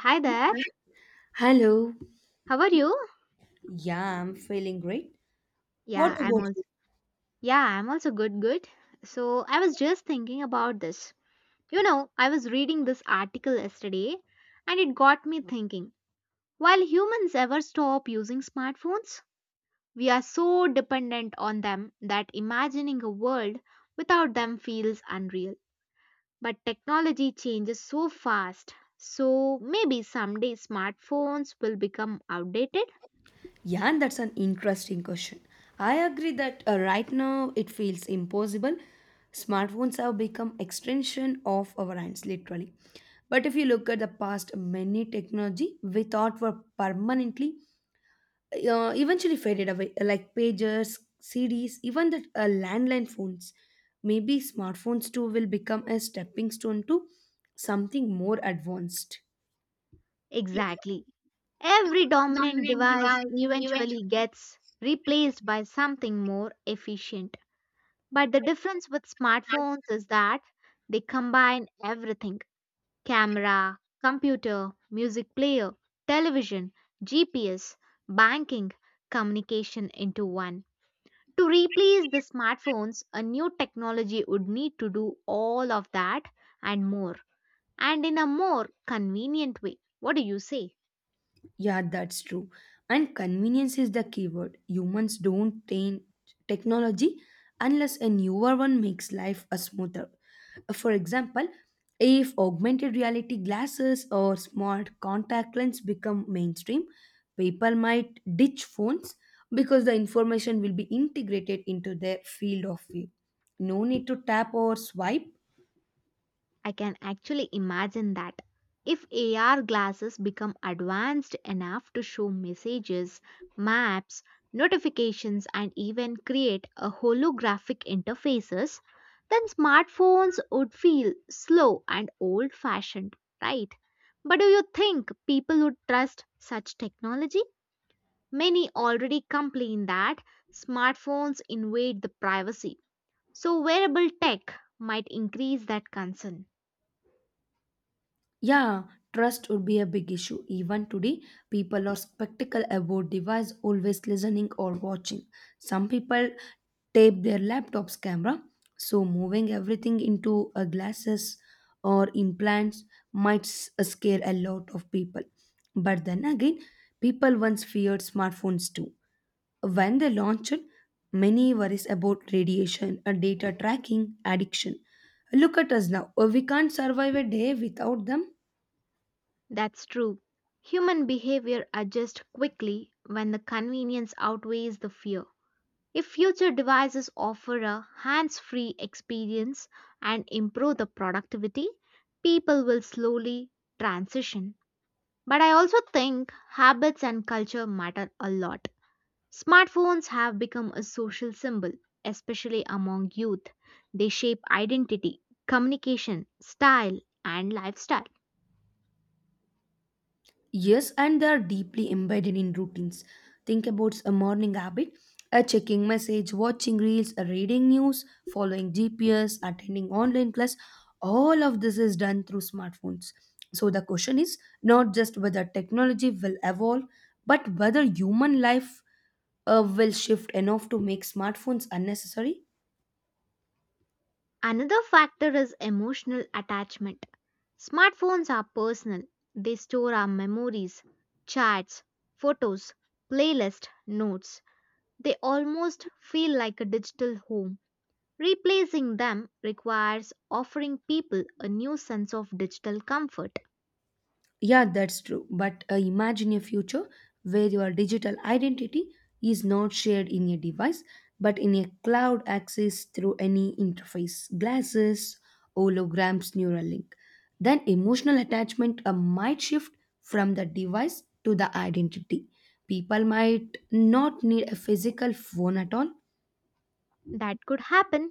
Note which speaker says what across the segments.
Speaker 1: Hi there. How are you?
Speaker 2: Yeah, I'm feeling great. What
Speaker 1: Yeah, I'm also
Speaker 2: about?
Speaker 1: Yeah, I'm also good. So, I was just thinking about this. You know, I was reading this article yesterday and it got me thinking. Will humans ever stop using smartphones, we are so dependent on them that imagining a world without them feels unreal. But technology changes so fast. So, maybe someday smartphones will become outdated.
Speaker 2: Yeah, and that's an interesting question. I agree that right now it feels impossible. Smartphones have become extension of our hands, literally. But if you look at the past, many technology we thought were permanently eventually faded away, like pagers, CDs, even the landline phones. Maybe smartphones too will become a stepping stone to something more advanced.
Speaker 1: Exactly. Every dominant device eventually gets replaced by something more efficient. But the difference with smartphones is that they combine everything camera, computer, music player, television, GPS, banking, communication into one. To replace the smartphones, a new technology would need to do all of that and more, and in a more convenient way. What do you say?
Speaker 2: Yeah, that's true. And convenience is the keyword. Humans don't train technology unless a newer one makes life a smoother. For example, if augmented reality glasses or smart contact lens become mainstream, people might ditch phones because the information will be integrated into their field of view. No need to tap or swipe.
Speaker 1: I can actually imagine that. If AR glasses become advanced enough to show messages, maps, notifications, and even create a holographic interfaces, then smartphones would feel slow and old fashioned, right? But do you think people would trust such technology? Many already complain that smartphones invade the privacy. So wearable tech might increase that concern.
Speaker 2: Yeah, trust would be a big issue. Even today, people are skeptical about device always listening or watching. Some people tape their laptop's camera, so moving everything into a glasses or implants might scare a lot of people. But then again, people once feared smartphones too. When they launched, many worries about radiation, data tracking, addiction. Look at us now. We can't survive a day without them.
Speaker 1: That's true. Human behavior adjusts quickly when the convenience outweighs the fear. If future devices offer a hands free experience and improve the productivity, people will slowly transition. But I also think habits and culture matter a lot. Smartphones have become a social symbol, especially among youth. They shape identity, communication, style, and lifestyle.
Speaker 2: Yes, and they are deeply embedded in routines. Think about a morning habit, a checking message, watching reels, a reading news, following GPS, attending online class. All of this is done through smartphones. So the question is not just whether technology will evolve, but whether human life will shift enough to make smartphones unnecessary.
Speaker 1: Another factor is emotional attachment. Smartphones are personal. They store our memories, chats, photos, playlists, notes. They almost feel like a digital home. Replacing them requires offering people a new sense of digital comfort.
Speaker 2: Yeah, that's true. But imagine a future where your digital identity is not shared in a device but in a cloud accessed through any interface, glasses, holograms, neural link. Then emotional attachment might shift from the device to the identity. People might not need a physical phone at all.
Speaker 1: That could happen,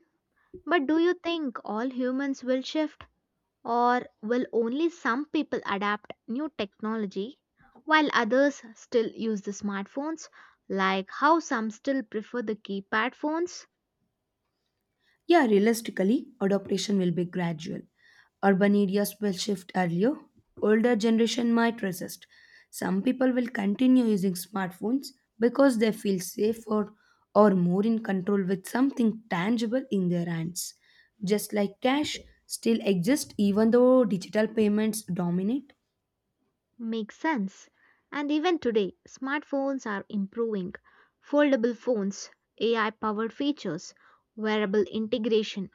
Speaker 1: but do you think all humans will shift? Or will only some people adapt new technology while others still use the smartphones, like how some still prefer the keypad phones?
Speaker 2: Yeah, realistically, adaptation will be gradual. Urban areas will shift earlier. Older generation might resist. Some people will continue using smartphones because they feel safer or more in control with something tangible in their hands. Just like cash still exists even though digital payments dominate.
Speaker 1: Makes sense. And even today, smartphones are improving. Foldable phones, AI powered features, wearable integration.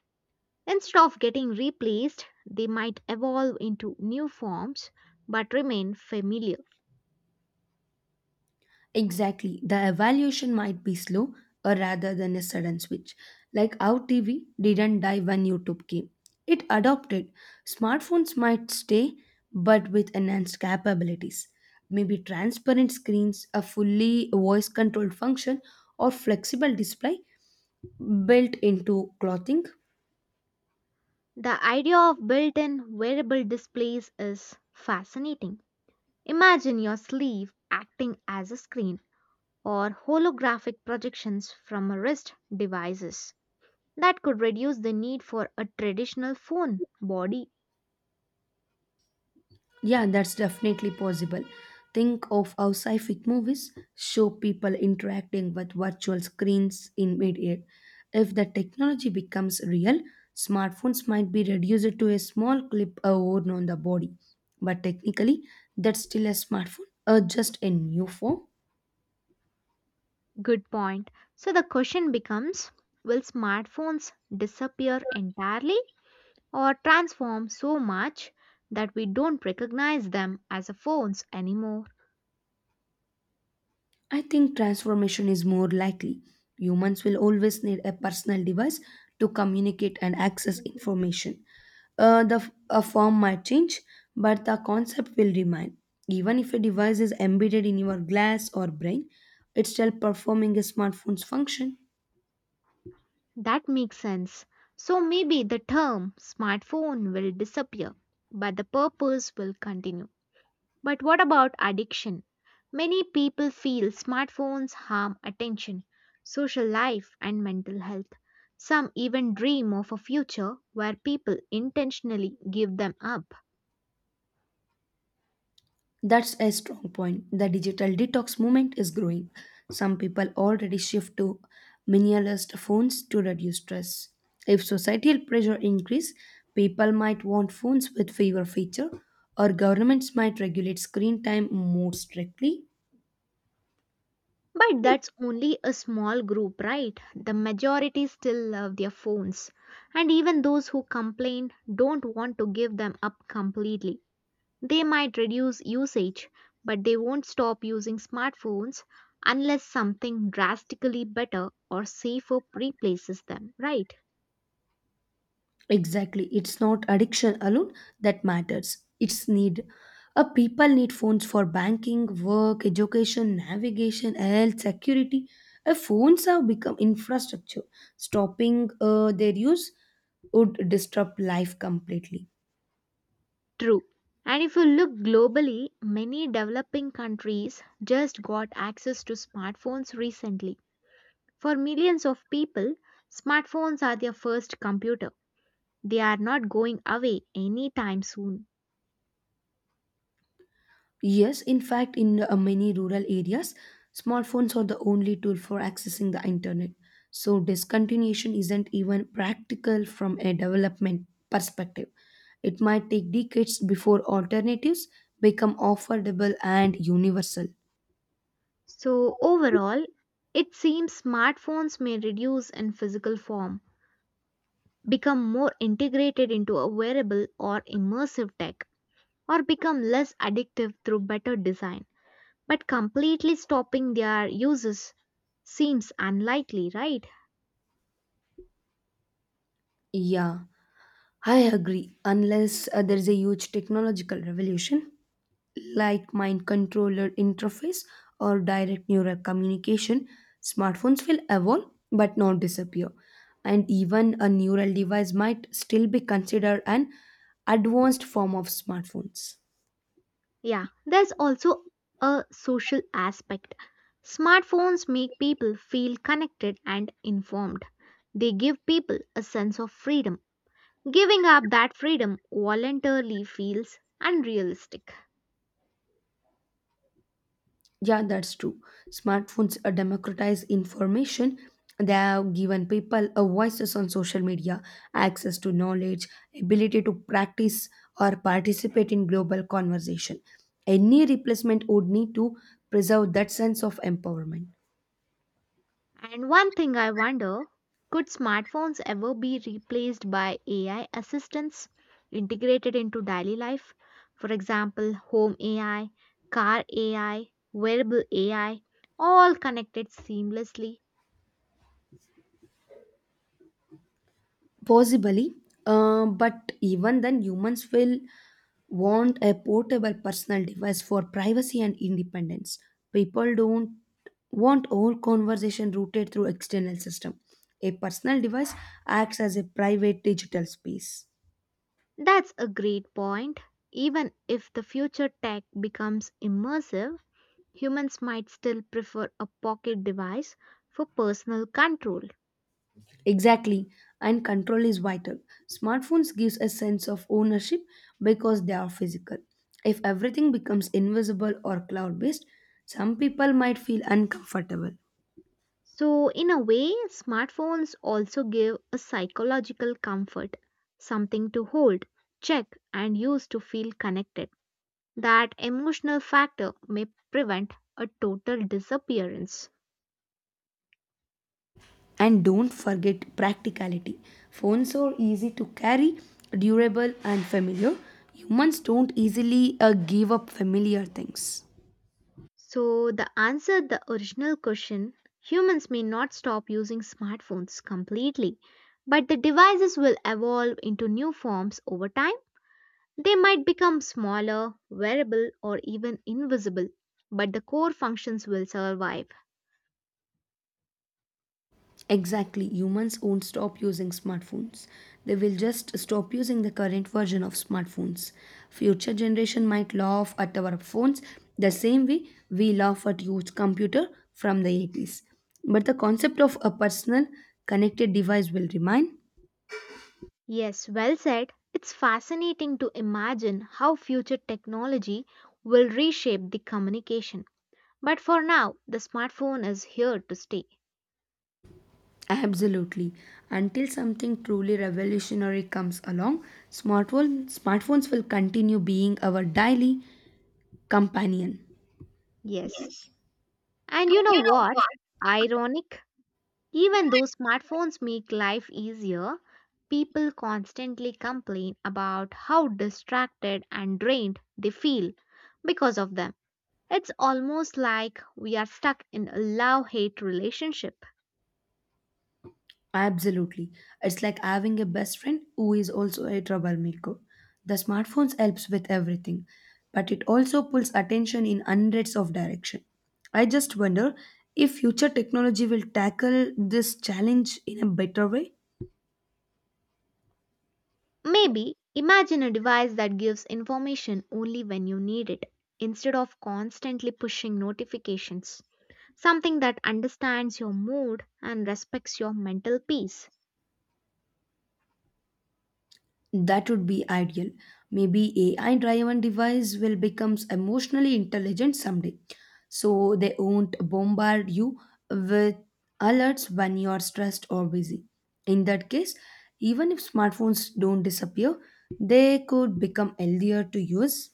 Speaker 1: Instead of getting replaced, they might evolve into new forms but remain familiar.
Speaker 2: Exactly. The evaluation might be slow or rather than a sudden switch. Like our TV didn't die when YouTube came. It adopted. Smartphones might stay, but with enhanced capabilities. Maybe transparent screens, a fully voice controlled function, or flexible display built into clothing.
Speaker 1: The idea of built in wearable displays is fascinating. Imagine your sleeve acting as a screen or holographic projections from wrist devices. That could reduce the need for a traditional phone body.
Speaker 2: Yeah, that's definitely possible. Think of how sci-fi movies show people interacting with virtual screens in mid-air. If the technology becomes real, smartphones might be reduced to a small clip worn on the body. But technically, that's still a smartphone or just a new form.
Speaker 1: Good point. So the question becomes will smartphones disappear entirely or transform so much that we don't recognize them as a phones anymore?
Speaker 2: I think transformation is more likely. Humans will always need a personal device to communicate and access information. A form might change, but the concept will remain. Even if a device is embedded in your glass or brain, it's still performing a smartphone's function.
Speaker 1: That makes sense. So maybe the term smartphone will disappear, but the purpose will continue. But what about addiction? Many people feel smartphones harm attention, social life, and mental health. Some even dream of a future where people intentionally give them up.
Speaker 2: That's a strong point. The digital detox movement is growing. Some people already shift to minimalist phones to reduce stress. If societal pressure increase, people might want phones with fewer feature or governments might regulate screen time more strictly.
Speaker 1: But that's only a small group, right? The majority still love their phones. And even those who complain don't want to give them up completely. They might reduce usage, but they won't stop using smartphones unless something drastically better or safer replaces them, right?
Speaker 2: Exactly. It's not addiction alone that matters. It's need. A people need phones for banking, work, education, navigation, health, security. Phones have become infrastructure. Stopping their use would disrupt life completely.
Speaker 1: True. And if you look globally, many developing countries just got access to smartphones recently. For millions of people, smartphones are their first computer. They are not going away anytime soon.
Speaker 2: Yes, in fact, in many rural areas, smartphones are the only tool for accessing the internet. So, discontinuation isn't even practical from a development perspective. It might take decades before alternatives become affordable and universal.
Speaker 1: So, overall, it seems smartphones may reduce in physical form become more integrated into a wearable or immersive tech, or become less addictive through better design. But completely stopping their uses seems unlikely, right?
Speaker 2: Yeah, I agree. Unless there is a huge technological revolution like mind controller interface or direct neural communication, smartphones will evolve but not disappear. And even a neural device might still be considered an advanced form of smartphones.
Speaker 1: Yeah, there's also a social aspect. Smartphones make people feel connected and informed. They give people a sense of freedom. Giving up that freedom voluntarily feels unrealistic.
Speaker 2: Yeah, that's true. Smartphones democratize information. They have given people a voices on social media, access to knowledge, ability to practice or participate in global conversation. Any replacement would need to preserve that sense of empowerment.
Speaker 1: And one thing I wonder could smartphones ever be replaced by AI assistants integrated into daily life? For example, home AI, car AI, wearable AI, all connected seamlessly.
Speaker 2: Possibly, but even then, humans will want a portable personal device for privacy and independence. People don't want all conversation routed through external system. A personal device acts as a private digital space.
Speaker 1: That's a great point. Even if the future tech becomes immersive, humans might still prefer a pocket device for personal control.
Speaker 2: Exactly, and control is vital. Smartphones gives a sense of ownership because they are physical. If everything becomes invisible or cloud-based, some people might feel uncomfortable.
Speaker 1: So, in a way, smartphones also give a psychological comfort, something to hold, check, and use to feel connected. That emotional factor may prevent a total disappearance.
Speaker 2: And don't forget practicality. Phones are easy to carry, durable, and familiar. Humans don't easily give up familiar things.
Speaker 1: So, the answer the original question humans may not stop using smartphones completely, but the devices will evolve into new forms over time. They might become smaller, wearable, or even invisible, but the core functions will survive.
Speaker 2: Exactly, humans won't stop using smartphones. They will just stop using the current version of smartphones. Future generation might laugh at our phones the same way we laugh at huge computer from the 80s. But the concept of a personal connected device will remain.
Speaker 1: Yes, well said. It's fascinating to imagine how future technology will reshape the communication. But for now, the smartphone is here to stay.
Speaker 2: Absolutely. Until something truly revolutionary comes along, smartphones will continue being our daily companion.
Speaker 1: Yes. And you know what? Ironic. Even though smartphones make life easier, people constantly complain about how distracted and drained they feel because of them. It's almost like we are stuck in a love hate relationship.
Speaker 2: Absolutely. It's like having a best friend who is also a troublemaker. The smartphones helps with everything, but it also pulls attention in hundreds of directions. I just wonder if future technology will tackle this challenge in a better way.
Speaker 1: Maybe imagine a device that gives information only when you need it instead of constantly pushing notifications. Something that understands your mood and respects your mental peace.
Speaker 2: That would be ideal. Maybe AI driven device will become emotionally intelligent someday. So they won't bombard you with alerts when you're stressed or busy. In that case, even if smartphones don't disappear, they could become easier to use.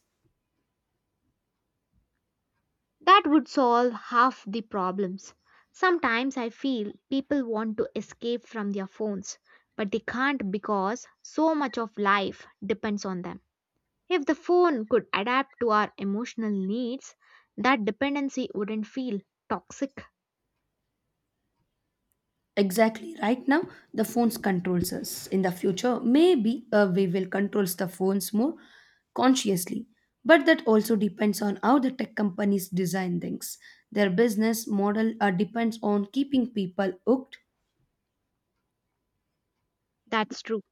Speaker 1: That would solve half the problems. Sometimes I feel people want to escape from their phones, but they can't because so much of life depends on them. If the phone could adapt to our emotional needs, that dependency wouldn't feel toxic.
Speaker 2: Exactly. Right now, the phones controls us. In the future, maybe we will controls the phones more consciously. But that also depends on how the tech companies design things. Their business model depends on keeping people hooked.
Speaker 1: That's true.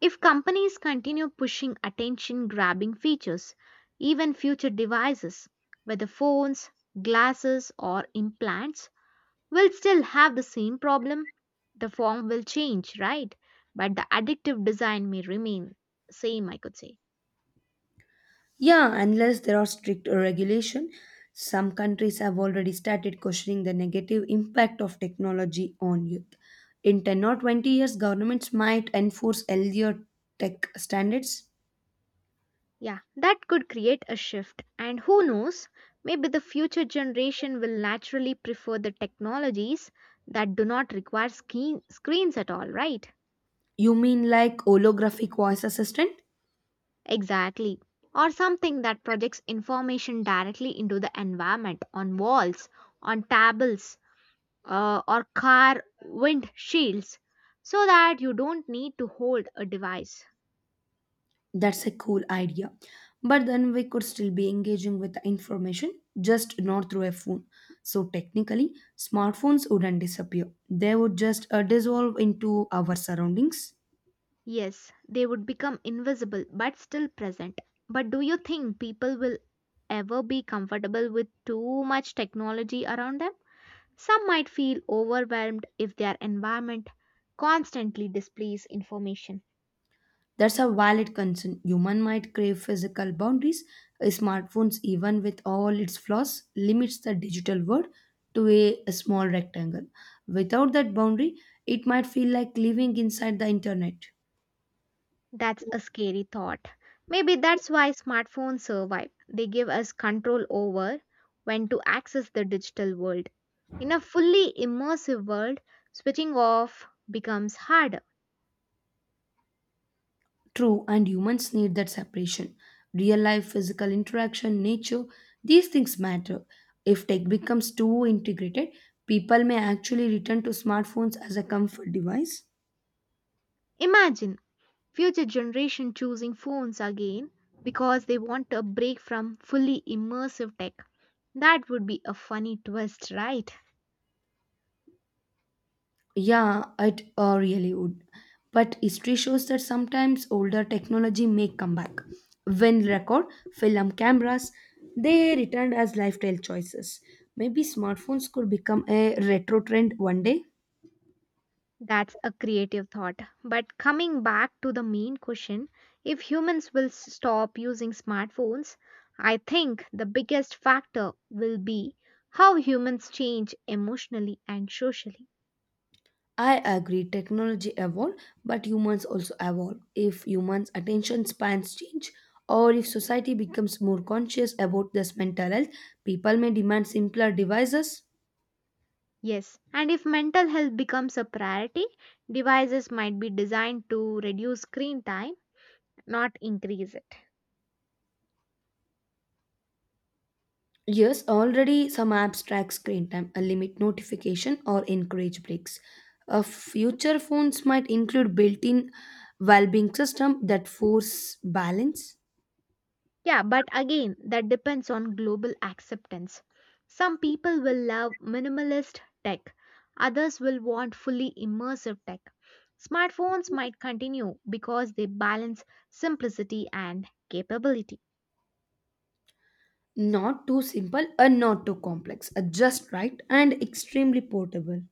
Speaker 1: If companies continue pushing attention grabbing features, even future devices, whether phones, glasses, or implants, will still have the same problem. The form will change, right? But the addictive design may remain same, I could say.
Speaker 2: Yeah, unless there are strict regulation, some countries have already started questioning the negative impact of technology on youth. In 10 or 20 years, governments might enforce healthier tech standards.
Speaker 1: Yeah, that could create a shift. And who knows, maybe the future generation will naturally prefer the technologies that do not require screens at all, right?
Speaker 2: You mean like holographic voice assistant?
Speaker 1: Exactly. Or something that projects information directly into the environment on walls, on tables, or car windshields, so that you don't need to hold a device.
Speaker 2: That's a cool idea. But then we could still be engaging with the information, just not through a phone. So technically, smartphones wouldn't disappear. They would just dissolve into our surroundings.
Speaker 1: Yes, they would become invisible but still present. But do you think people will ever be comfortable with too much technology around them? Some might feel overwhelmed if their environment constantly displays information.
Speaker 2: That's a valid concern. Human might crave physical boundaries. Smartphones, even with all its flaws, limits the digital world to a small rectangle. Without that boundary, it might feel like living inside the internet.
Speaker 1: That's a scary thought. Maybe that's why smartphones survive. They give us control over when to access the digital world. In a fully immersive world, switching off becomes harder.
Speaker 2: True, and humans need that separation. Real life, physical interaction, nature, these things matter. If tech becomes too integrated, people may actually return to smartphones as a comfort device.
Speaker 1: Imagine future generation choosing phones again because they want a break from fully immersive tech. That would be a funny twist, right?
Speaker 2: Yeah, it really would. But history shows that sometimes older technology may come back. When record, film cameras, they returned as lifestyle choices. Maybe smartphones could become a retro trend one day.
Speaker 1: That's a creative thought. But coming back to the main question, if humans will stop using smartphones, I think the biggest factor will be how humans change emotionally and socially.
Speaker 2: I agree technology evolve, but humans also evolve. If humans' attention spans change, or if society becomes more conscious about this mental health, people may demand simpler devices.
Speaker 1: Yes, and if mental health becomes a priority, devices might be designed to reduce screen time not increase it.
Speaker 2: Yes, already some apps track screen time, a limit notification, or encourage breaks. Future phones might include built-in well-being system that force balance.
Speaker 1: Yeah, but again, that depends on global acceptance. Some people will love minimalist tech, others will want fully immersive tech. Smartphones might continue because they balance simplicity and capability.
Speaker 2: Not too simple and not too complex, just right and extremely portable.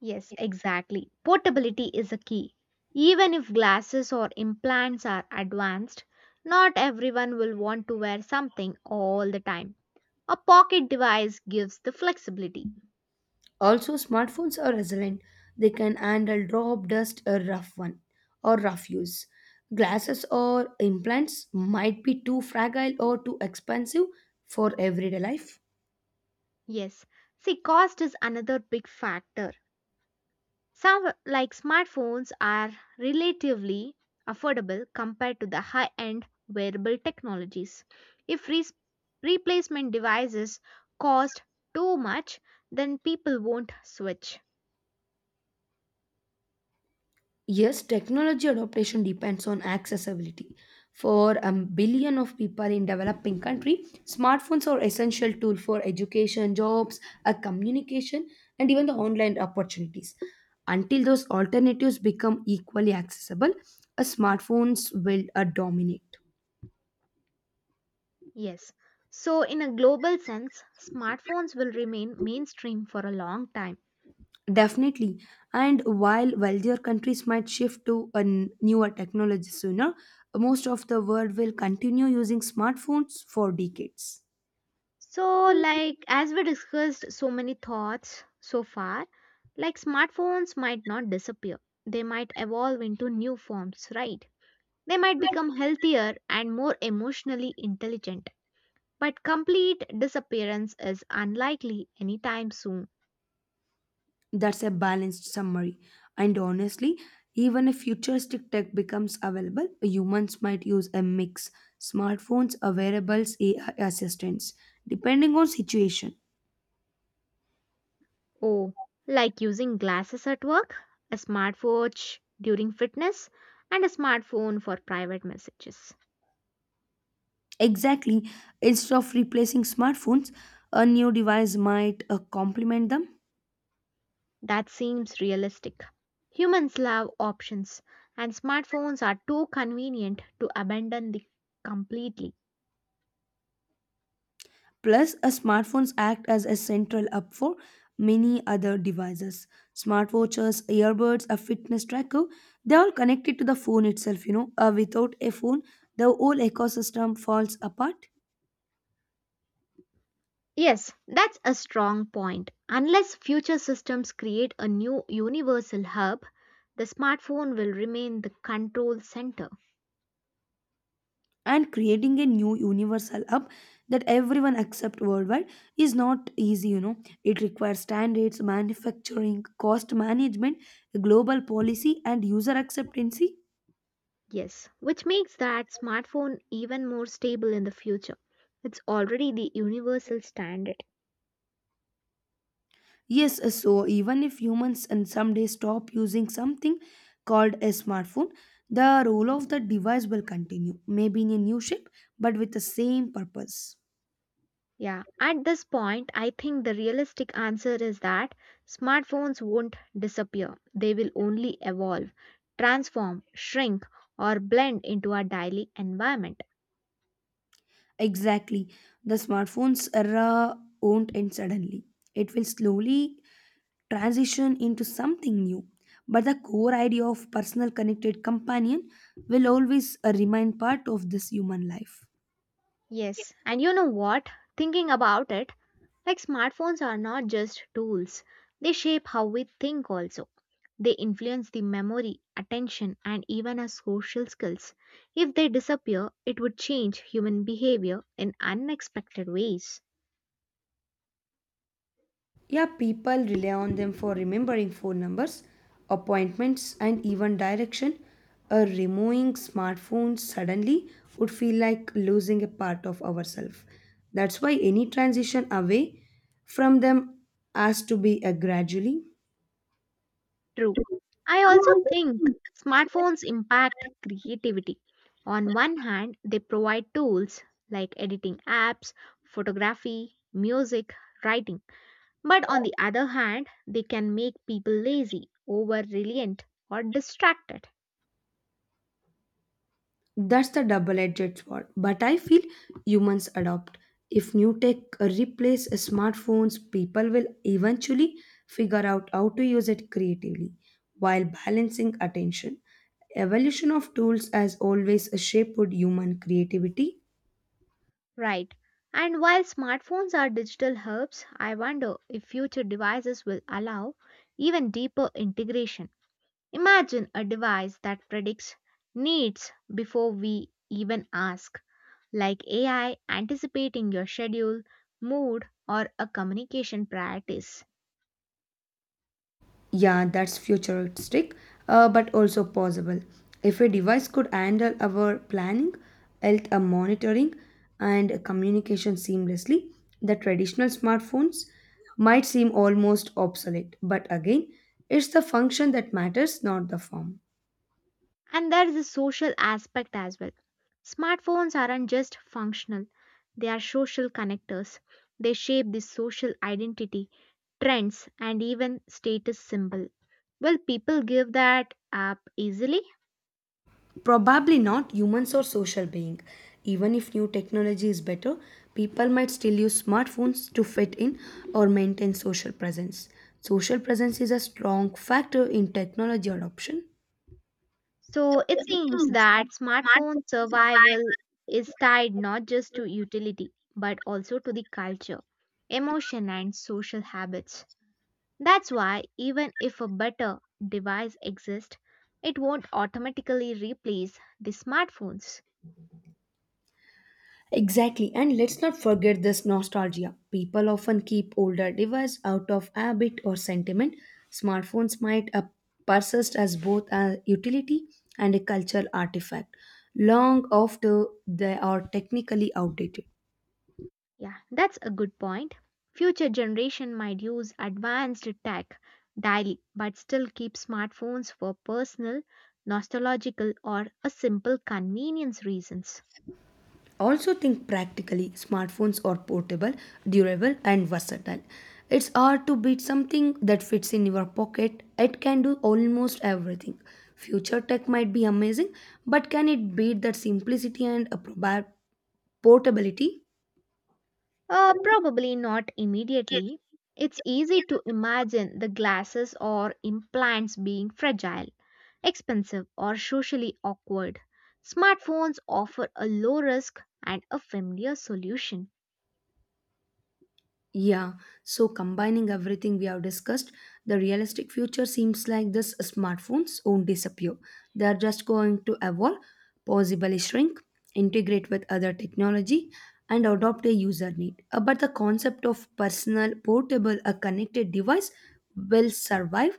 Speaker 1: Yes, exactly. Portability is a key. Even if glasses or implants are advanced, not everyone will want to wear something all the time. A pocket device gives the flexibility.
Speaker 2: Also, smartphones are resilient. They can handle drop, dust, or rough one, or rough use. Glasses or implants might be too fragile or too expensive for everyday life.
Speaker 1: Yes. See, cost is another big factor. Some like smartphones are relatively affordable compared to the high end wearable technologies. If replacement devices cost too much, then people won't switch.
Speaker 2: Yes, technology adaptation depends on accessibility. For a billion of people in developing country, smartphones are essential tool for education, jobs, communication, and even the online opportunities. Until those alternatives become equally accessible, smartphones will dominate.
Speaker 1: Yes. So, in a global sense, smartphones will remain mainstream for a long time.
Speaker 2: Definitely. And while wealthier countries might shift to a newer technology sooner, most of the world will continue using smartphones for decades.
Speaker 1: So, like, as we discussed so many thoughts so far, like, smartphones might not disappear. They might evolve into new forms, right? They might become healthier and more emotionally intelligent. But complete disappearance is unlikely anytime soon.
Speaker 2: That's a balanced summary. And honestly, even if futuristic tech becomes available, humans might use a mix smartphones, wearables, AI assistants, depending on situation.
Speaker 1: Oh, like using glasses at work, a smartwatch during fitness, and a smartphone for private messages.
Speaker 2: Exactly, instead of replacing smartphones, a new device might complement them.
Speaker 1: That seems realistic. Humans love options, and smartphones are too convenient to abandon the completely.
Speaker 2: Plus, smartphones act as a central hub for many other devices. Smartwatches, earbuds, a fitness tracker, they are all connected to the phone itself, you know. Without a phone, the whole ecosystem falls apart.
Speaker 1: Yes, that's a strong point. Unless future systems create a new universal hub, the smartphone will remain the control center.
Speaker 2: And creating a new universal hub that everyone accept worldwide is not easy, you know. It requires standards, manufacturing, cost management, global policy, and user acceptancy.
Speaker 1: Yes, which makes that smartphone even more stable in the future. It's already the universal standard.
Speaker 2: Yes, so even if humans and someday stop using something called a smartphone, the role of the device will continue, maybe in a new shape, but with the same purpose.
Speaker 1: Yeah, at this point, I think the realistic answer is that smartphones won't disappear. They will only evolve, transform, shrink, or blend into our daily environment.
Speaker 2: Exactly. The smartphone's era won't end suddenly. It will slowly transition into something new. But the core idea of personal connected companion will always remain part of this human life.
Speaker 1: Yes, and you know what? Thinking about it, like smartphones are not just tools, they shape how we think also. They influence the memory, attention, and even our social skills. If they disappear, it would change human behavior in unexpected ways.
Speaker 2: Yeah, people rely on them for remembering phone numbers, appointments, and even direction. Removing smartphones suddenly would feel like losing a part of ourselves. That's why any transition away from them has to be a gradually.
Speaker 1: True. I also think smartphones impact creativity. On one hand, they provide tools like editing apps, photography, music, writing. But on the other hand, they can make people lazy, over reliant, or distracted.
Speaker 2: That's the double edged sword. But I feel humans adopt. If new tech replace smartphones, people will eventually figure out how to use it creatively while balancing attention. Evolution of tools has always shaped human creativity.
Speaker 1: Right. And while smartphones are digital hubs, I wonder if future devices will allow even deeper integration. Imagine a device that predicts needs before we even ask, like AI anticipating your schedule, mood, or a communication priorities.
Speaker 2: Yeah, that's futuristic, but also possible. If a device could handle our planning, health monitoring, and communication seamlessly, the traditional smartphones might seem almost obsolete. But again, it's the function that matters, not the form.
Speaker 1: And there is a social aspect as well. Smartphones aren't just functional, they are social connectors. They shape the social identity, trends, and even status symbol. Will people give that up easily?
Speaker 2: Probably not. Humans are social being. Even if new technology is better, people might still use smartphones to fit in or maintain social presence. Social presence is a strong factor in technology adoption.
Speaker 1: So it seems that smartphone survival is tied not just to utility, but also to the culture, emotion, and social habits. That's why, even if a better device exists, it won't automatically replace the smartphones.
Speaker 2: Exactly, and let's not forget this nostalgia. People often keep older devices out of habit or sentiment. Smartphones might persist as both a utility and a cultural artifact long after they are technically outdated.
Speaker 1: Yeah, that's a good point. Future generation might use advanced tech daily, but still keep smartphones for personal, nostalgical, or a simple convenience reasons.
Speaker 2: Also think practically, smartphones are portable, durable and versatile. It's hard to beat something that fits in your pocket. It can do almost everything. Future tech might be amazing, but can it beat that simplicity and a portability?
Speaker 1: Probably not immediately. It's easy to imagine the glasses or implants being fragile, expensive, or socially awkward. Smartphones offer a low risk and a familiar solution.
Speaker 2: Yeah, so combining everything we have discussed, the realistic future seems like this smartphones won't disappear. They are just going to evolve, possibly shrink, integrate with other technology, and adopt a user need. But the concept of personal, portable, a connected device will survive.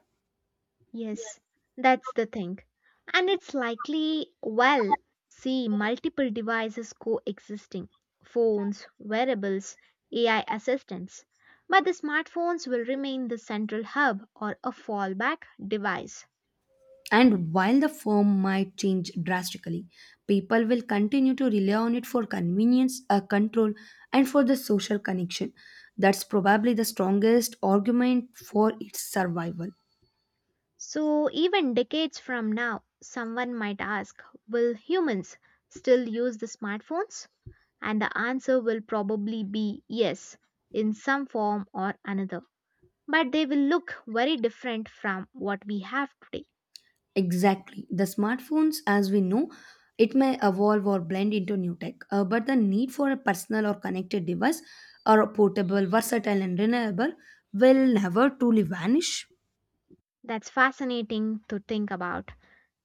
Speaker 1: Yes, that's the thing. And it's likely, well, see multiple devices coexisting phones, wearables, AI assistants. But the smartphones will remain the central hub or a fallback device.
Speaker 2: And while the form might change drastically, people will continue to rely on it for convenience, control, and for the social connection. That's probably the strongest argument for its survival.
Speaker 1: So, even decades from now, someone might ask will humans still use the smartphones? And the answer will probably be yes, in some form or another. But they will look very different from what we have today.
Speaker 2: Exactly. The smartphones, as we know, it may evolve or blend into new tech, but the need for a personal or connected device or a portable, versatile, and reliable will never truly vanish.
Speaker 1: That's fascinating to think about.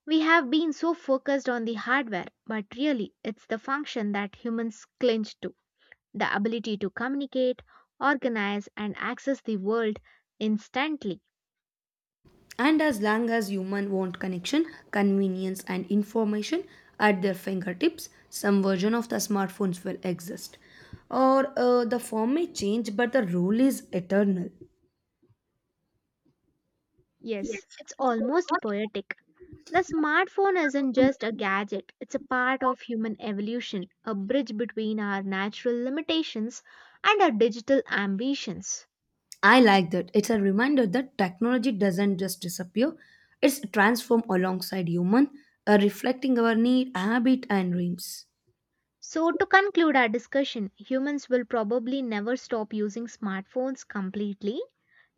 Speaker 1: We have been so focused on the hardware, but really, it's the function that humans clinch to the ability to communicate, organize, and access the world instantly.
Speaker 2: And as long as humans want connection, convenience, and information at their fingertips, some version of the smartphones will exist. Or the form may change, but the role is eternal.
Speaker 1: Yes, it's almost poetic. The smartphone isn't just a gadget, it's a part of human evolution, a bridge between our natural limitations and our digital ambitions.
Speaker 2: I like that. It's a reminder that technology doesn't just disappear, it's transformed alongside human, reflecting our need, habit, and dreams.
Speaker 1: So, to conclude our discussion, humans will probably never stop using smartphones completely.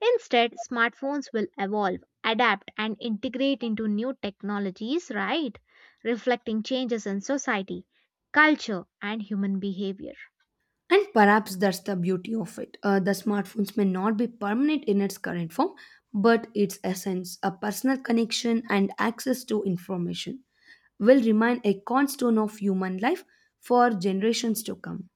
Speaker 1: Instead, smartphones will evolve, adapt, and integrate into new technologies, right? Reflecting changes in society, culture, and human behavior.
Speaker 2: And perhaps that's the beauty of it. The smartphones may not be permanent in its current form, but its essence, a personal connection, and access to information will remain a cornerstone of human life for generations to come.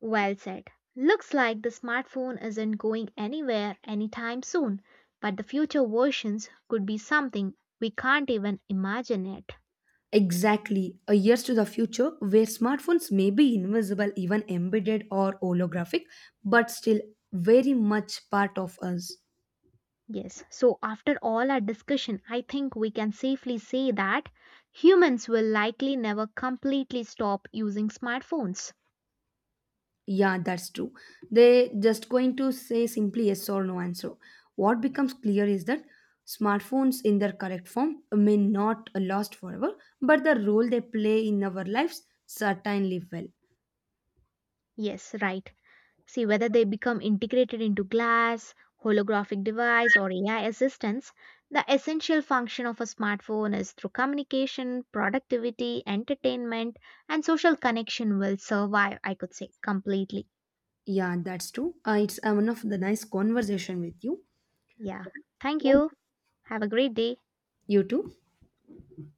Speaker 1: Well said. Looks like the smartphone isn't going anywhere anytime soon, but the future versions could be something we can't even imagine yet.
Speaker 2: Exactly, a years to the future where smartphones may be invisible, even embedded or holographic, but still very much part of us.
Speaker 1: Yes, so after all our discussion, I think we can safely say that humans will likely never completely stop using smartphones.
Speaker 2: Yeah, that's true. They just going to say simply yes or no answer. What becomes clear is that smartphones in their correct form may not last forever, but the role they play in our lives certainly will.
Speaker 1: Yes, right. See whether they become integrated into glass, holographic device, or AI assistants. The essential function of a smartphone is through communication, productivity, entertainment, and social connection will survive, I could say, completely.
Speaker 2: Yeah, that's true. It's one of the nice conversation with you.
Speaker 1: Yeah. Thank you. Have a great day.
Speaker 2: You too.